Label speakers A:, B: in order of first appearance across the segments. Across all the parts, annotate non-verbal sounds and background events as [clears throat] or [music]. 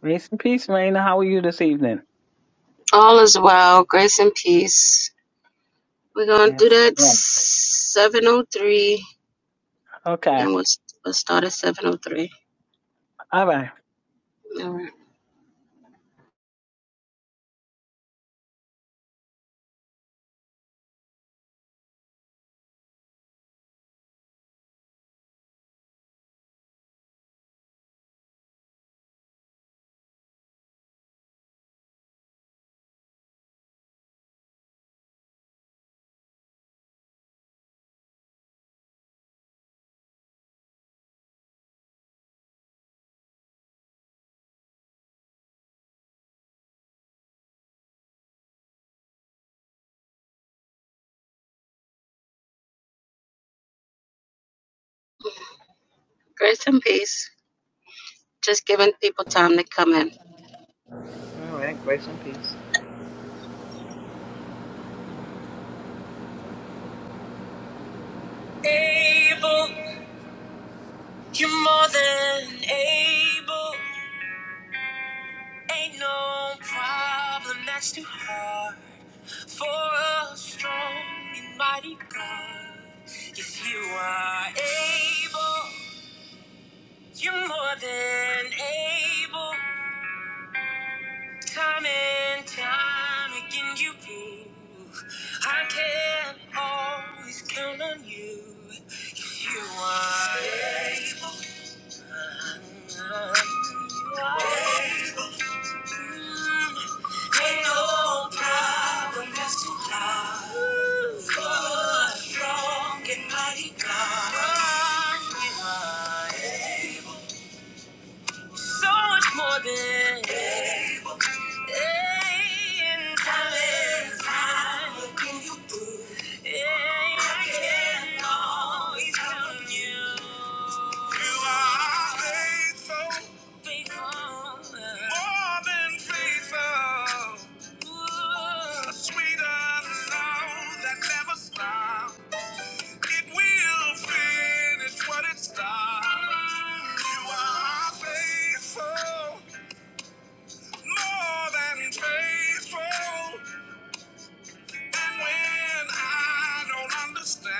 A: Grace and peace, Raina. How are you this evening?
B: All is well, grace and peace. We're gonna do
A: Yes.
B: that
A: well,
B: seven oh three.
A: Okay.
B: Then we'll, we'll start at seven oh three.
A: All right.
B: All right. Grace and peace. Just giving people time to come in.
C: All right, grace and peace. Able, you're more than able. Ain't no problem that's too hard for a strong and mighty God. If you are able, you're more than able. Time and time again, you prove I can always count on you. If you are able. Ain't no problem that's too hard for a strong and mighty God. So much more than able and talent. I can always count on you. You are faithful, faithful, more than faithful. Ooh. Sweet love that never stops. It will finish what it starts. You are faithful, more than faithful. And when I don't understand,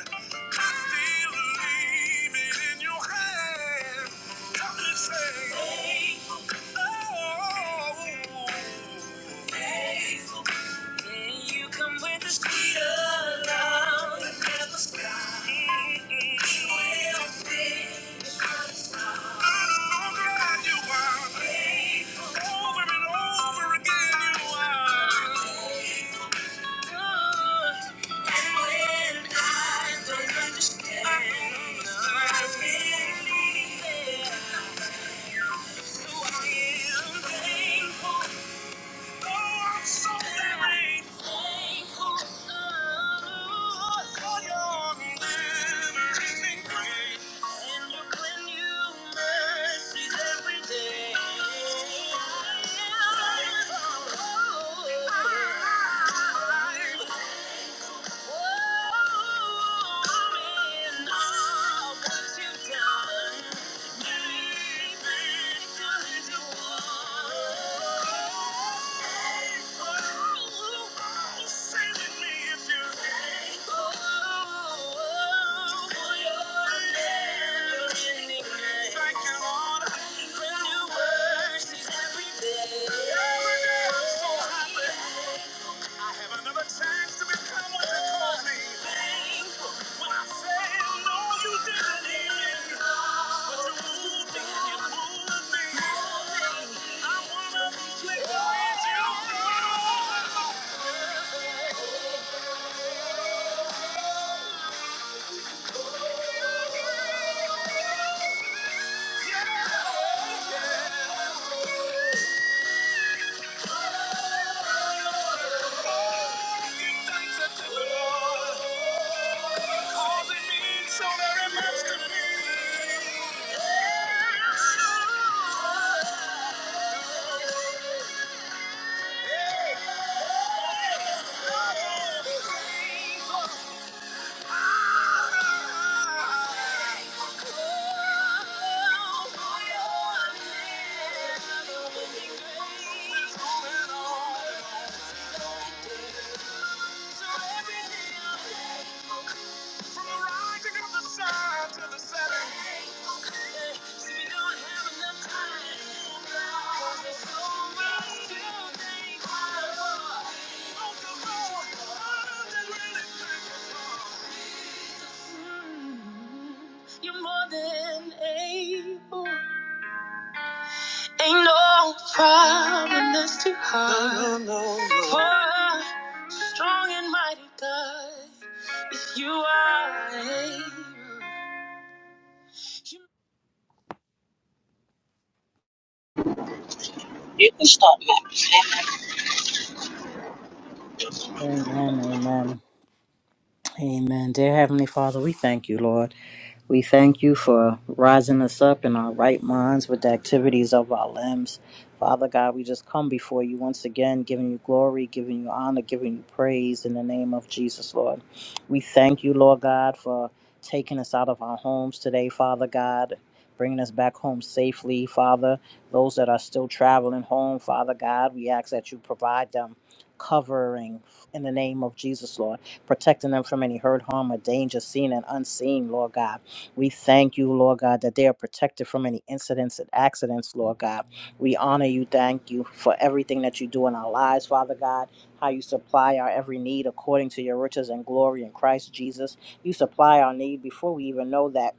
C: I still leave it in your hand. Help me say, oh, faithful. Can you come with the speed of love and let the sky will fit? I'm so glad you are. Faithful. Over and over again you are. Thank you. Thank you, Lord. Brand new mercies every day. Every day I'm so happy. I have another chance to become what you call me. Thankful. When I say no, you didn't hear me. But you moved me, you moved me. I wanna be clear with you. Yeah, Yeah. Hey! Oh, come on. I'm just really thankful. You're more than able. Ain't no problem that's too hard. No, no, no, no. For a strong and mighty God, if you are able. Amen, amen. Amen. Dear Heavenly Father, we thank you, Lord. We thank you for rising us up in our right minds with the activities of our limbs. Father God, we just come before you once again, giving you glory, giving you honor, giving you praise in the name of Jesus, Lord. We thank you, Lord God, for taking us out of our homes today, Father God. Bringing us back home safely, Father. Those that are still traveling home, Father God, we ask that you provide them covering in the name of Jesus, Lord protecting them from any hurt, harm, or danger seen and unseen, Lord God. We thank you, Lord God, that they are protected from any incidents and accidents, Lord God. We honor you, thank you for everything that you do in our lives, Father God, how you supply our every need according to your riches and glory in Christ Jesus. You supply our need before we even know that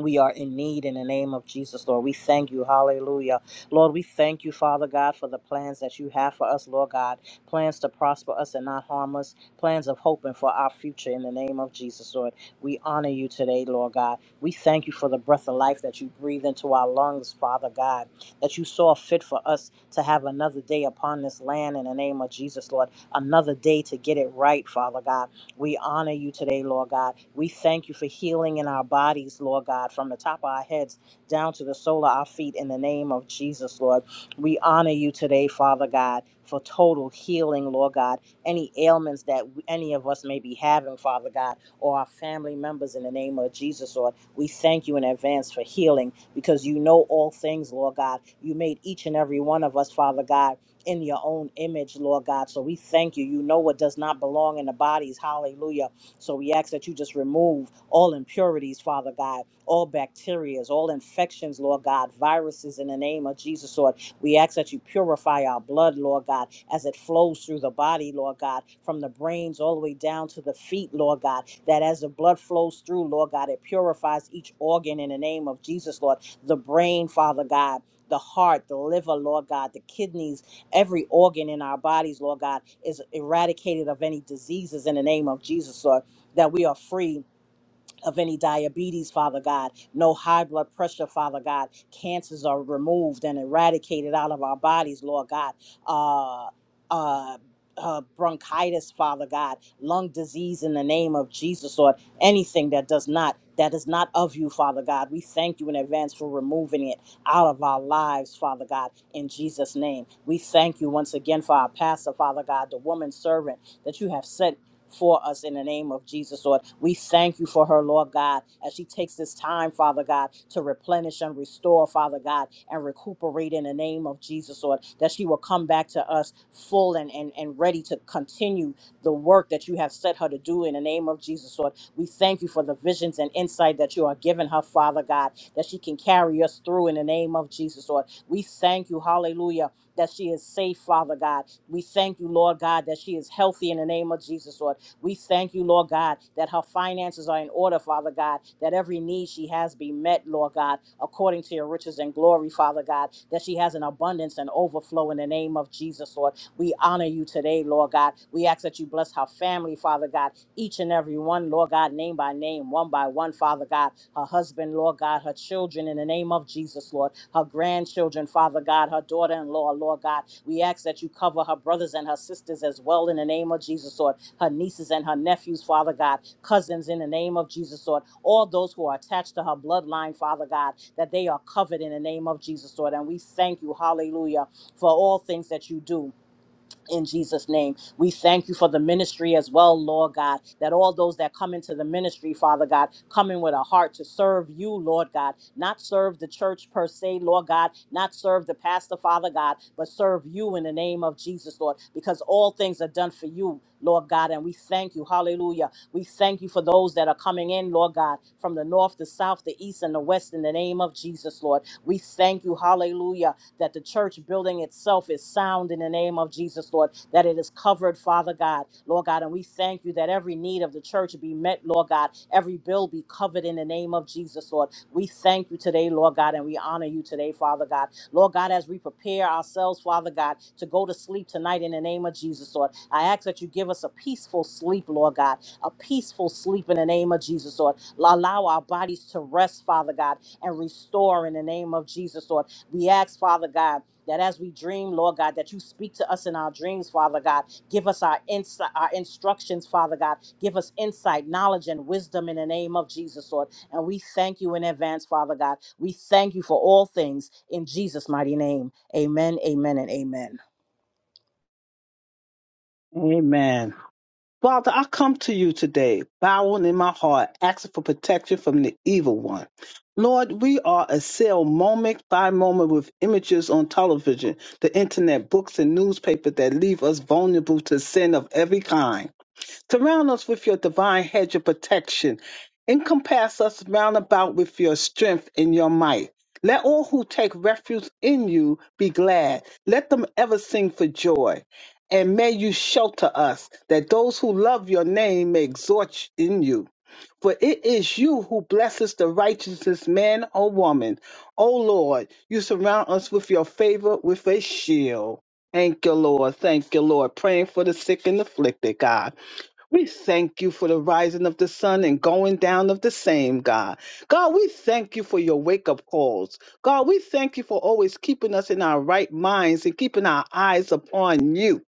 C: we are in need in the name of Jesus, Lord. We thank you. Hallelujah. Lord, we thank you, Father God, for the plans that you have for us, Lord God. Plans to prosper us and not harm us. Plans of hope and for our future in the name of Jesus, Lord. We honor you today, Lord God. We thank you for the breath of life that you breathe into our lungs, Father God. That you saw fit for us to have another day upon this land in the name of Jesus, Lord. Another day to get it right, Father God we honor you today, Lord God. We thank you for healing in our bodies, Lord God, from the top of our heads down to the sole of our feet in the name of Jesus, Lord. We honor you today, Father God, for total healing, Lord God. Any ailments that any of us may be having, Father God, or our family members in the name of Jesus, Lord, we thank you in advance for healing because you know all things, Lord God. You made each and every one of us, Father God in your own image, Lord God. So we thank you. You know what does not belong in the bodies. Hallelujah. So we ask that you just remove all impurities, Father God, all bacterias, all infections, Lord God, viruses in the name of Jesus, Lord. We ask that you purify our blood, Lord God, as it flows through the body, Lord God, from the brains all the way down to the feet, Lord God, that as the blood flows through, Lord God, it purifies each organ in the name of Jesus, Lord. The brain, Father God, the heart, the liver, Lord God, the kidneys, Every organ in our bodies, Lord God, is eradicated of any diseases in the name of Jesus, Lord, that we are free of any diabetes, Father God, no high blood pressure, Father God. Cancers are removed and eradicated out of our bodies, Lord God. Uh, uh, uh, bronchitis, Father God, lung disease in the name of Jesus, Lord, anything that does not, that is not of you, Father God. We thank you in advance for removing it out of our lives, Father God, in Jesus' name. We thank you once again for our pastor, Father God, the woman servant that you have sent for us in the name of Jesus, Lord. We thank you for her, Lord God, as she takes this time, Father God, to replenish and restore, Father God, and recuperate in the name of Jesus, Lord, that she will come back to us full and, and, and ready to continue the work that you have set her to do in the name of Jesus, Lord. We thank you for the visions and insight that you are giving her, Father God, that she can carry us through in the name of Jesus, Lord. We thank you, hallelujah, that she is safe, Father God. We thank you, Lord God, that she is healthy in the name of Jesus, Lord we thank you, Lord God, that her finances are in order, Father God, that every need she has be met, Lord God, according to your riches and glory, Father God, that she has an abundance and overflow in the name of Jesus, Lord. We honor you today, Lord God. We ask that you bless her family, Father God, each and every one, Lord God, name by name, one by one, Father God, her husband, Lord God, her children, in the name of Jesus, Lord, her grandchildren, Father God, her daughter in law, Lord God. We ask that you cover her brothers and her sisters as well in the name of Jesus, Lord her nieces and her nephews, Father God, cousins in the name of Jesus, Lord, all those who are attached to her bloodline, Father God, that they are covered in the name of Jesus, Lord. And we thank you, hallelujah, for all things that you do in Jesus' name. We thank you for the ministry as well, Lord God, that all those that come into the ministry, Father God, come in with a heart to serve you, Lord God, not serve the church per se, Lord God, not serve the pastor, Father God, but serve you in the name of Jesus, Lord, because all things are done for you, Lord God, and we thank you. Hallelujah. We thank you for those that are coming in, Lord God, from the north, the south, the east, and the west, in the name of Jesus, Lord. We thank you. Hallelujah that the church building itself is sound in the name of Jesus, Lord, that it is covered, Father God, Lord God. And we thank you that every need of the church be met, Lord God, every bill be covered in the name of Jesus, Lord. We thank you today, Lord God, and we honor you today, Father God. Lord God, as we prepare ourselves, Father God, to go to sleep tonight in the name of Jesus, Lord, I ask that you give us a peaceful sleep, Lord God, a peaceful sleep in the name of Jesus, Lord. Allow our bodies to rest, Father God, and restore in the name of Jesus, Lord. We ask, Father God, that as we dream, Lord God, that you speak to us in our dreams, Father God. Give us our insight, our instructions, Father God. Give us insight, knowledge, and wisdom in the name of Jesus, Lord and we thank you in advance, Father God. We thank you for all things in Jesus' mighty name. Amen, amen, and amen.
A: Amen. Father, I come to you today, bowing in my heart, asking for protection from the evil one. Lord, we are assailed moment by moment with images on television, the internet, books, and newspapers that leave us vulnerable to sin of every kind. Surround us with your divine hedge of protection. Encompass us round about with your strength and your might. Let all who take refuge in you be glad. Let them ever sing for joy. And may you shelter us, that those who love your name may exhort in you. For it is you who blesses the righteousness man or woman. O Lord, you surround us with your favor, with a shield. Thank you, Lord. Thank you, Lord. Praying for the sick and afflicted, God. We thank you for the rising of the sun and going down of the same, God. God, we thank you for your wake up calls. God, we thank you for always keeping us in our right minds and keeping our eyes upon you.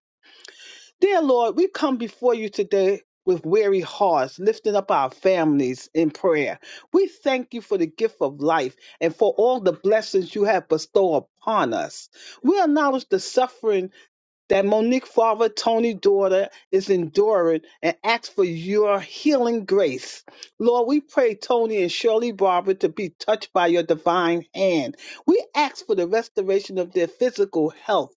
A: Dear Lord, we come before you today with weary hearts, lifting up our families in prayer. We thank you for the gift of life and for all the blessings you have bestowed upon us. We acknowledge the suffering that Monique father, Tony daughter is enduring and ask for your healing grace. Lord, we pray Tony and Shirley Barber to be touched by your divine hand. We ask for the restoration of their physical health,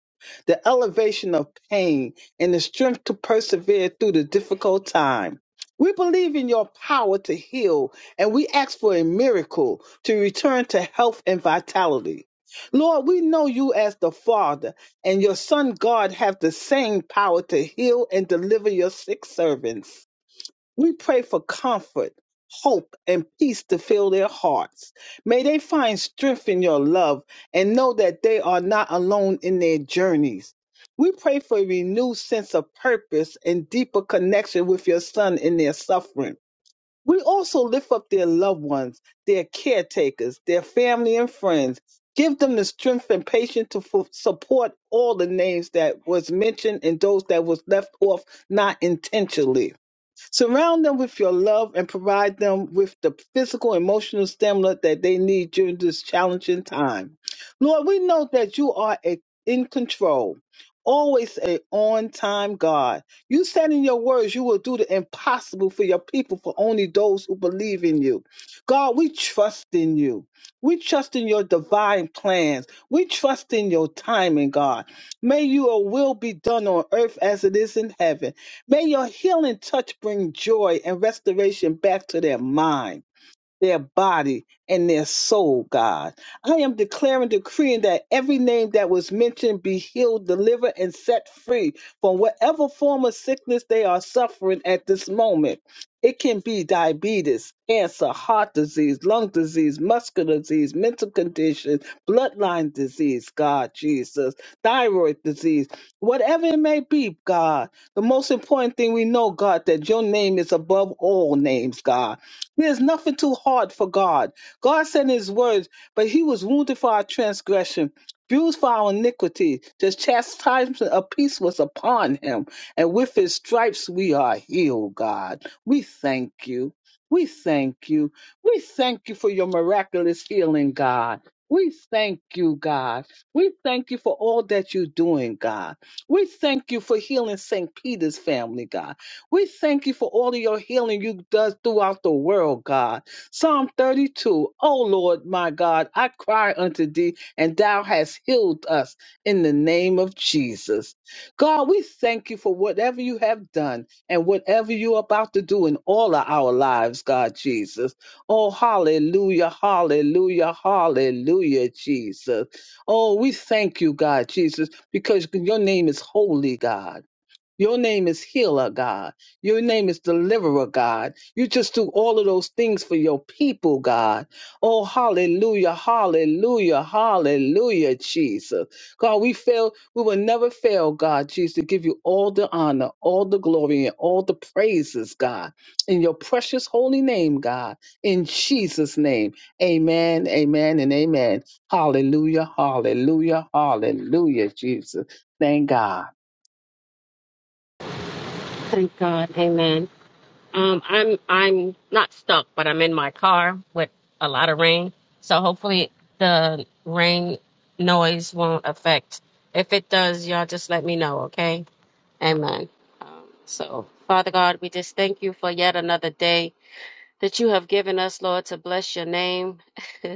A: the elevation of pain, and the strength to persevere through the difficult time. We believe in your power to heal, and we ask for a miracle to return to health and vitality. Lord, we know you as the Father and your son God have the same power to heal and deliver your sick servants. We pray for comfort, hope, and peace to fill their hearts. May they find strength in your love and know that they are not alone in their journeys. We pray for a renewed sense of purpose and deeper connection with your son in their suffering. We also lift up their loved ones, their caretakers, their family and friends. Give them the strength and patience to fu- support all the names that was mentioned and those that was left off not intentionally. Surround them with your love and provide them with the physical, emotional stamina that they need during this challenging time. Lord, we know that you are a, in control, always a on-time God. You said in your words you will do the impossible for your people, for only those who believe in you. God, we trust in you. We trust in your divine plans. We trust in your timing, God. May your will be done on earth as it is in heaven. May your healing touch bring joy and restoration back to their mind their body and their soul, God. I am declaring, decreeing that every name that was mentioned be healed, delivered, and set free from whatever form of sickness they are suffering at this moment. It can be diabetes, cancer, heart disease, lung disease, muscular disease, mental condition, bloodline disease, God Jesus, thyroid disease, whatever it may be, God. The most important thing we know, God, that your name is above all names, God there's nothing too hard for God. God sent his words, but he was wounded for our transgression, bruised for our iniquity. The chastisement of peace was upon him, and with his stripes we are healed, God. We thank you. We thank you. We thank you for your miraculous healing, God. We thank you, God. We thank you for all that you're doing, God. We thank you for healing St. Peter's family, God. We thank you for all of your healing you does throughout the world, God. Psalm 32. Oh Lord, my God, I cry unto thee, and thou hast healed us in the name of Jesus. God, we thank you for whatever you have done and whatever you're about to do in all of our lives, God Jesus. Oh, hallelujah, hallelujah, hallelujah, Jesus. Oh, we thank you, God Jesus, because your name is holy, God. Your name is healer, God. Your name is deliverer, God. You just do all of those things for your people, God. Oh, hallelujah, hallelujah, hallelujah, Jesus. God, we fail, we will never fail, God, Jesus, to give you all the honor, all the glory, and all the praises, God. In your precious holy name, God. In Jesus' name. Amen, amen, and amen. Hallelujah, hallelujah, hallelujah, Jesus. Thank God.
B: Thank God. Amen. Um, I'm I'm not stuck, but I'm in my car with a lot of rain. So hopefully the rain noise won't affect. If it does, y'all just let me know, okay? Amen. Um, so Father God, we just thank you for yet another day. that you have given us, Lord, to bless your name. [laughs]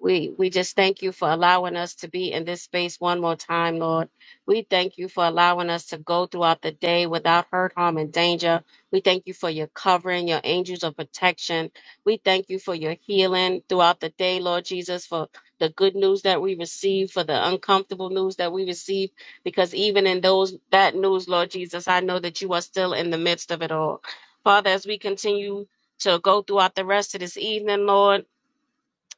B: We we just thank you for allowing us to be in this space one more time, Lord. We thank you for allowing us to go throughout the day without hurt, harm, and danger. We thank you for your covering, your angels of protection. We thank you for your healing throughout the day, Lord Jesus, for the good news that we receive, for the uncomfortable news that we receive, because even in those that news, Lord Jesus, I know that you are still in the midst of it all. Father, as we continue to go throughout the rest of this evening, Lord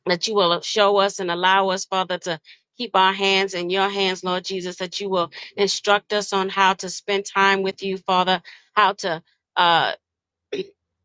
B: that you will show us and allow us, Father, to keep our hands in your hands, Lord Jesus, that you will instruct us on how to spend time with you, Father, how to. Uh,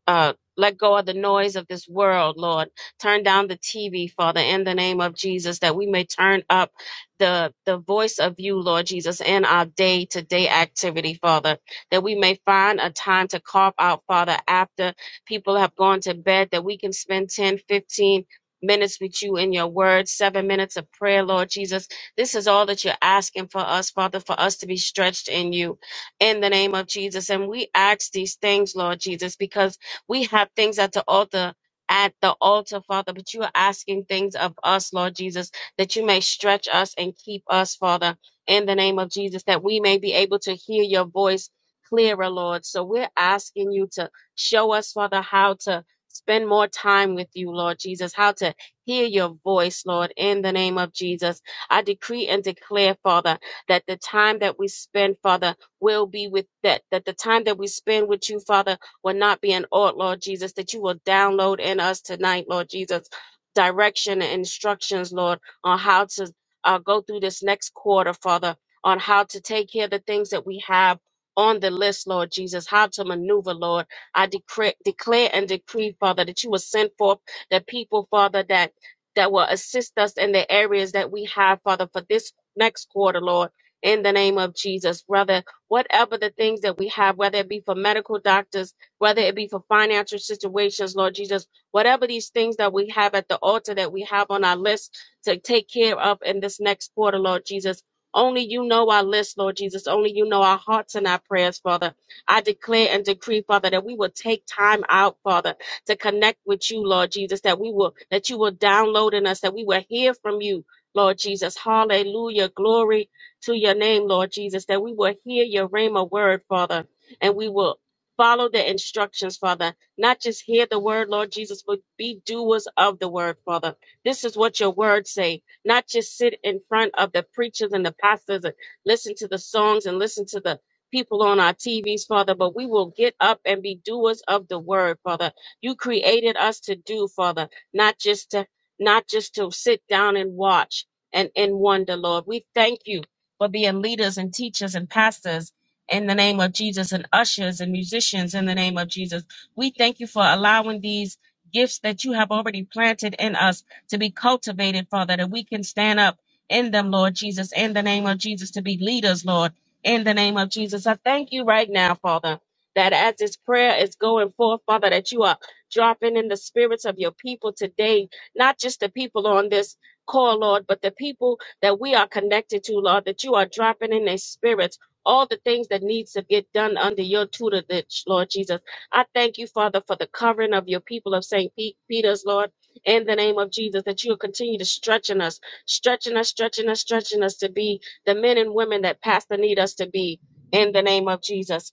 B: uh, let go of the noise of this world, Lord. Turn down the TV, Father, in the name of Jesus, that we may turn up the, the voice of you, Lord Jesus, in our day to day activity, Father, that we may find a time to carve out, Father, after people have gone to bed, that we can spend 10, 15 minutes with you in your word, seven minutes of prayer, Lord Jesus. This is all that you're asking for us, Father, for us to be stretched in you in the name of Jesus. And we ask these things, Lord Jesus, because we have things at the altar. At the altar, Father, but you are asking things of us, Lord Jesus, that you may stretch us and keep us, Father, in the name of Jesus, that we may be able to hear your voice clearer, Lord. So we're asking you to show us, Father, how to spend more time with you, Lord Jesus, how to hear your voice, Lord, in the name of Jesus. I decree and declare, Father, that the time that we spend, Father, will be with that, that the time that we spend with you, Father, will not be an ought, Lord Jesus, that you will download in us tonight, Lord Jesus, direction and instructions, Lord, on how to uh, go through this next quarter, Father, on how to take care of the things that we have on the list, Lord Jesus, how to maneuver, Lord. I decree, declare and decree, Father, that you will send forth the people, Father, that that will assist us in the areas that we have, Father, for this next quarter, Lord. In the name of Jesus, brother, whatever the things that we have, whether it be for medical doctors, whether it be for financial situations, Lord Jesus, whatever these things that we have at the altar that we have on our list to take care of in this next quarter, Lord Jesus. Only you know our list, Lord Jesus. Only you know our hearts and our prayers, Father. I declare and decree, Father, that we will take time out, Father, to connect with you, Lord Jesus, that we will, that you will download in us, that we will hear from you, Lord Jesus. Hallelujah. Glory to your name, Lord Jesus, that we will hear your rhema word, Father, and we will Follow the instructions, Father. Not just hear the word, Lord Jesus, but be doers of the word, Father. This is what your words say. Not just sit in front of the preachers and the pastors and listen to the songs and listen to the people on our TVs, Father, but we will get up and be doers of the word, Father. You created us to do, Father, not just to not just to sit down and watch and, and wonder, Lord. We thank you for being leaders and teachers and pastors in the name of Jesus and ushers and musicians in the name of Jesus. We thank you for allowing these gifts that you have already planted in us to be cultivated, Father, that we can stand up in them, Lord Jesus, in the name of Jesus, to be leaders, Lord, in the name of Jesus. I thank you right now, Father, that as this prayer is going forth, Father, that you are dropping in the spirits of your people today, not just the people on this call, Lord, but the people that we are connected to, Lord, that you are dropping in their spirits all the things that needs to get done under your tutelage, Lord Jesus. I thank you, Father, for the covering of your people of St. Pete, Peter's, Lord, in the name of Jesus, that you'll continue to stretching us, stretching us, stretching us, stretching us to be the men and women that Pastor need us to be in the name of Jesus.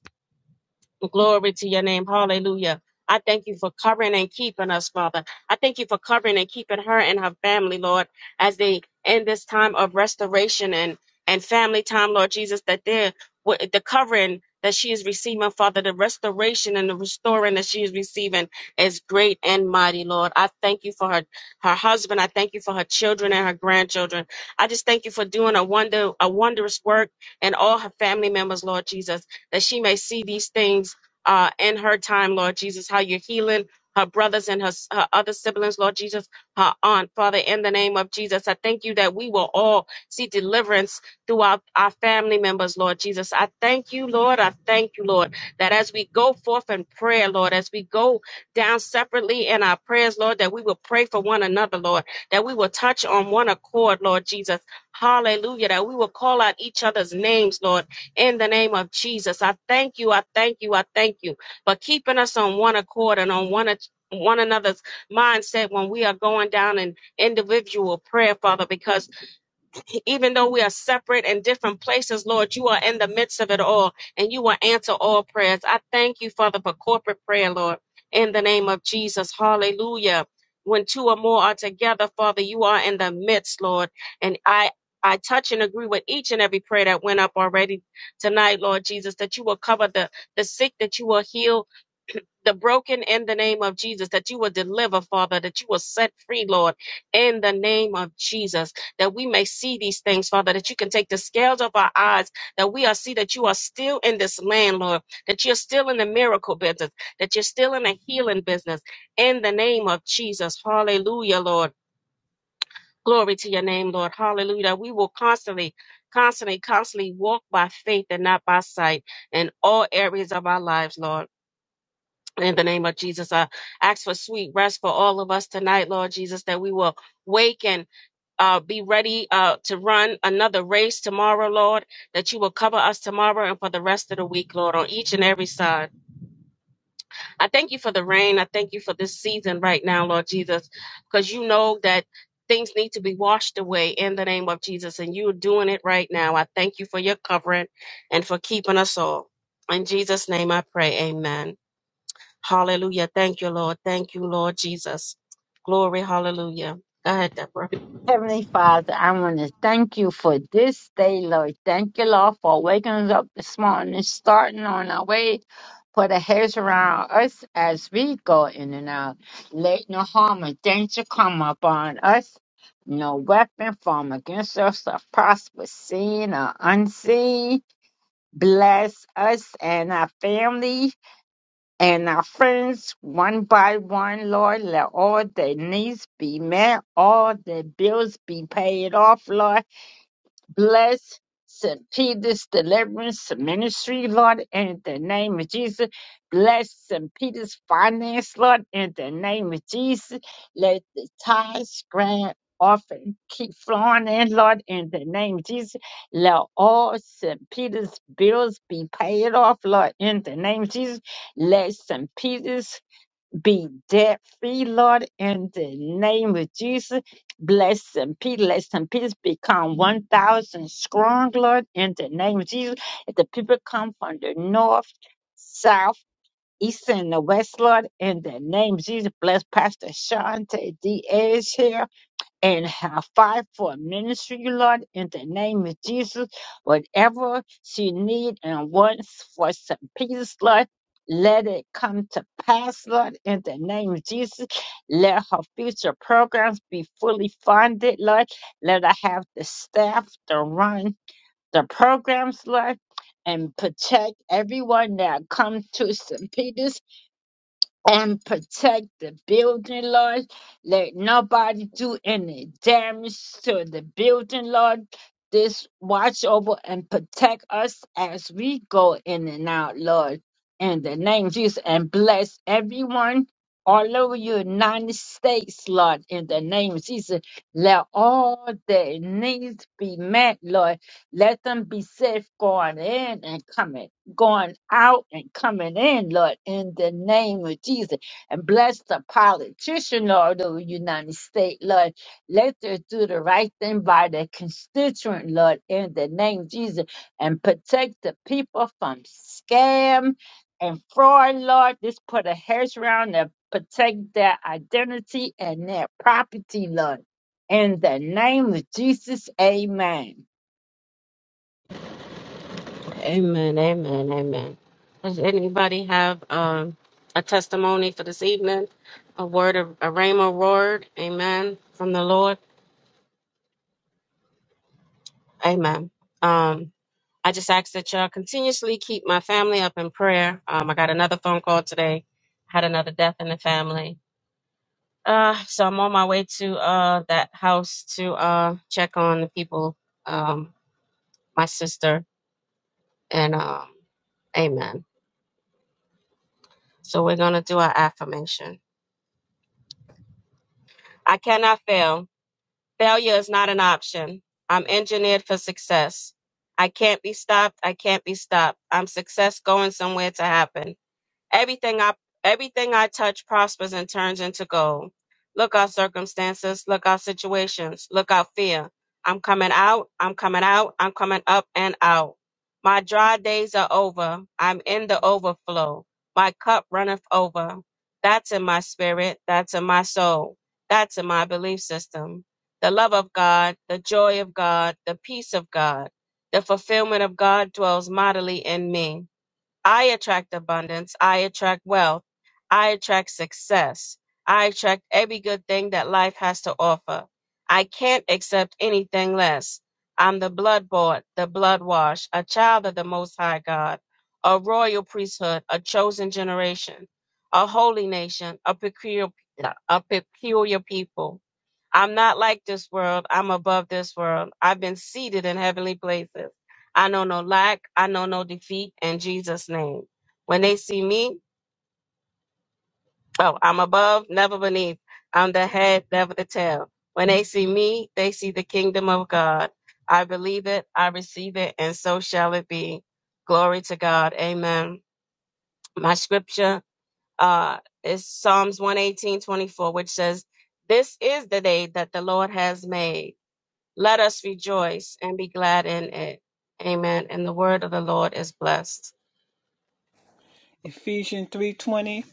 B: Glory to your name. Hallelujah. I thank you for covering and keeping us, Father. I thank you for covering and keeping her and her family, Lord, as they in this time of restoration and, and family time, Lord Jesus, that they're with the covering that she is receiving, Father, the restoration and the restoring that she is receiving is great and mighty, Lord. I thank you for her, her husband. I thank you for her children and her grandchildren. I just thank you for doing a wonder, a wondrous work in all her family members, Lord Jesus, that she may see these things uh, in her time, Lord Jesus, how you're healing her brothers and her, her other siblings, Lord Jesus, her aunt. Father, in the name of Jesus, I thank you that we will all see deliverance throughout our family members, Lord Jesus. I thank you, Lord. I thank you, Lord, that as we go forth in prayer, Lord, as we go down separately in our prayers, Lord, that we will pray for one another, Lord, that we will touch on one accord, Lord Jesus. Hallelujah. That we will call out each other's names, Lord in the name of Jesus. I thank you. I thank you. I thank you for keeping us on one accord and on one one another's mindset when we are going down in individual prayer, Father, because even though we are separate in different places, Lord, you are in the midst of it all and you will answer all prayers. I thank you, Father, for corporate prayer, Lord, in the name of Jesus. Hallelujah. When two or more are together, Father, you are in the midst, Lord. And I I touch and agree with each and every prayer that went up already tonight, Lord Jesus, that you will cover the, the sick, that you will heal the broken in the name of Jesus, that you will deliver, Father, that you will set free, Lord, in the name of Jesus, that we may see these things, Father, that you can take the scales of our eyes, that we are see that you are still in this land, Lord, that you're still in the miracle business, that you're still in the healing business, in the name of Jesus. Hallelujah, Lord. Glory to your name, Lord. Hallelujah. That We will constantly, constantly, constantly walk by faith and not by sight in all areas of our lives, Lord. In the name of Jesus, I ask for sweet rest for all of us tonight, Lord Jesus, that we will wake and uh, be ready uh, to run another race tomorrow, Lord, that you will cover us tomorrow and for the rest of the week, Lord, on each and every side. I thank you for the rain. I thank you for this season right now, Lord Jesus, because you know that things need to be washed away in the name of Jesus, and you're doing it right now. I thank you for your covering and for keeping us all. In Jesus' name I pray, amen. Hallelujah. Thank you, Lord. Thank you, Lord Jesus. Glory. Hallelujah. Go ahead, Deborah.
D: Heavenly Father, I want to thank you for this day, Lord. Thank you, Lord, for waking us up this morning, starting on our way. Put a hedge around us as we go in and out. Let no harm or danger come upon us. No weapon formed against us shall prosper, seen or unseen. Bless us and our family and our friends one by one, Lord. Let all their needs be met, all their bills be paid off, Lord. Bless St. Peter's Deliverance Ministry, Lord, in the name of Jesus. Bless St. Peter's Finance, Lord, in the name of Jesus. Let the tithes, grant, offering keep flowing in, Lord, in the name of Jesus. Let all St. Peter's bills be paid off, Lord, in the name of Jesus. Let St. Peter's be debt free, Lord, in the name of Jesus. Bless and peace, bless and peace become 1,000 strong, Lord, in the name of Jesus. If the people come from the north, south, east, and the west, Lord, in the name of Jesus. Bless Pastor Shante Diaz here and have fight for ministry, Lord, in the name of Jesus. Whatever she needs and wants for some peace, Lord, let it come to pass, Lord, in the name of Jesus. Let her future programs be fully funded, Lord. Let her have the staff to run the programs, Lord. And protect everyone that comes to St. Peter's and protect the building, Lord. Let nobody do any damage to the building, Lord. This watch over and protect us as we go in and out, Lord. In the name of Jesus, and bless everyone all over the United States, Lord. In the name of Jesus, let all their needs be met, Lord. Let them be safe going in and coming going out and coming in, Lord, in the name of Jesus. And bless the politician, Lord, of the United States, Lord. Let them do the right thing by their constituent, Lord, in the name of Jesus. And protect the people from scam and fraud, Lord. Just put a hedge around and protect their identity and their property, Lord. In the name of Jesus, amen.
B: Amen. Amen. Amen. Does anybody have um, a testimony for this evening? A word, of, a rhema word. Amen. From the Lord. Amen. Um, I just ask that y'all continuously keep my family up in prayer. Um, I got another phone call today. Had another death in the family. Uh, so I'm on my way to uh, that house to uh, check on the people. Um, my sister, and um, amen. So we're going to do our affirmation. I cannot fail. Failure is not an option. I'm engineered for success. I can't be stopped. I can't be stopped. I'm success going somewhere to happen. Everything I everything I touch prospers and turns into gold. Look out circumstances, look out situations, look out fear. I'm coming out, I'm coming out, I'm coming up and out. My dry days are over. I'm in the overflow. My cup runneth over. That's in my spirit, that's in my soul, that's in my belief system. The love of God, the joy of God, the peace of God, the fulfillment of God dwells mightily in me. I attract abundance. I attract wealth. I attract success. I attract every good thing that life has to offer. I can't accept anything less. I'm the blood bought, the blood washed, a child of the Most High God, a royal priesthood, a chosen generation, a holy nation, a peculiar, a peculiar people. I'm not like this world. I'm above this world. I've been seated in heavenly places. I know no lack. I know no defeat in Jesus' name. When they see me, oh, I'm above, never beneath. I'm the head, never the tail. When they see me, they see the kingdom of God. I believe it, I receive it, and so shall it be. Glory to God. Amen. My scripture uh, is Psalms one eighteen twenty four, which says, This is the day that the Lord has made Let us rejoice and be glad in it. Amen. And the word of the Lord is blessed.
A: Ephesians 3:20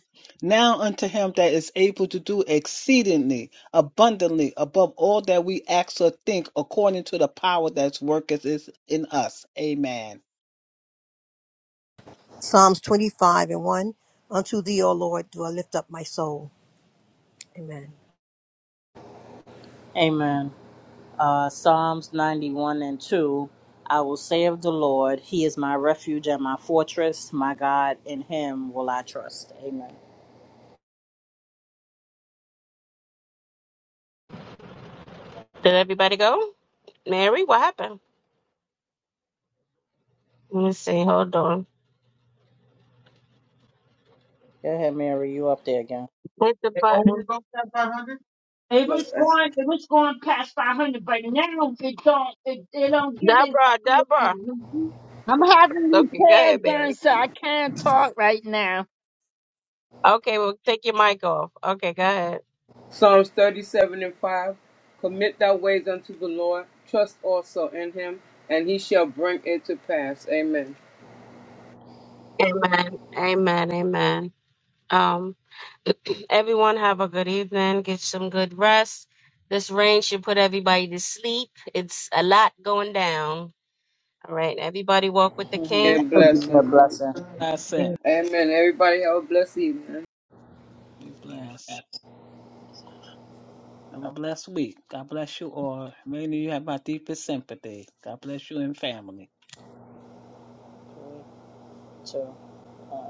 A: Now unto him that is able to do exceedingly abundantly above all that we ask or think according to the power that's worketh is in us. Amen.
E: Psalms 25 and 1. Unto thee, O Lord, do I lift up my soul. Amen.
C: Amen. uh, Psalms 91 and 2. I will say of the Lord, He is my refuge and my fortress, my God, in Him will I trust. Amen.
B: Did everybody go? Mary, what happened? Let me see. Hold on.
C: Go ahead, Mary, you up there again.
B: Hit the button.
D: It
F: Bless
D: was
F: us.
D: going, it was going past 500, but now it don't, it, it don't get as.
B: Deborah, Deborah.
D: I'm having
B: Okay, go
D: repair
B: ahead,
D: done,
B: Mary.
D: so I can't talk right now.
B: Okay, well, take your mic off. Okay, go ahead.
F: Psalms 37 and 5. Commit thy ways unto the Lord, trust also in him, and he shall bring it to pass. Amen.
B: Amen. Amen. Amen. Um, [clears throat] everyone have a good evening. Get some good rest. This rain should put everybody to sleep. It's a lot going down. All right. Everybody walk with the
C: Mhm.
B: king.
C: That
F: And
C: would be [laughs] a
F: blessing.
C: blessing.
A: That's it.
F: Amen. Everybody have a blessed evening.
A: Be blessed. Have a blessed week. God bless you all. Many of you have my deepest sympathy. God bless you and family.
C: Too.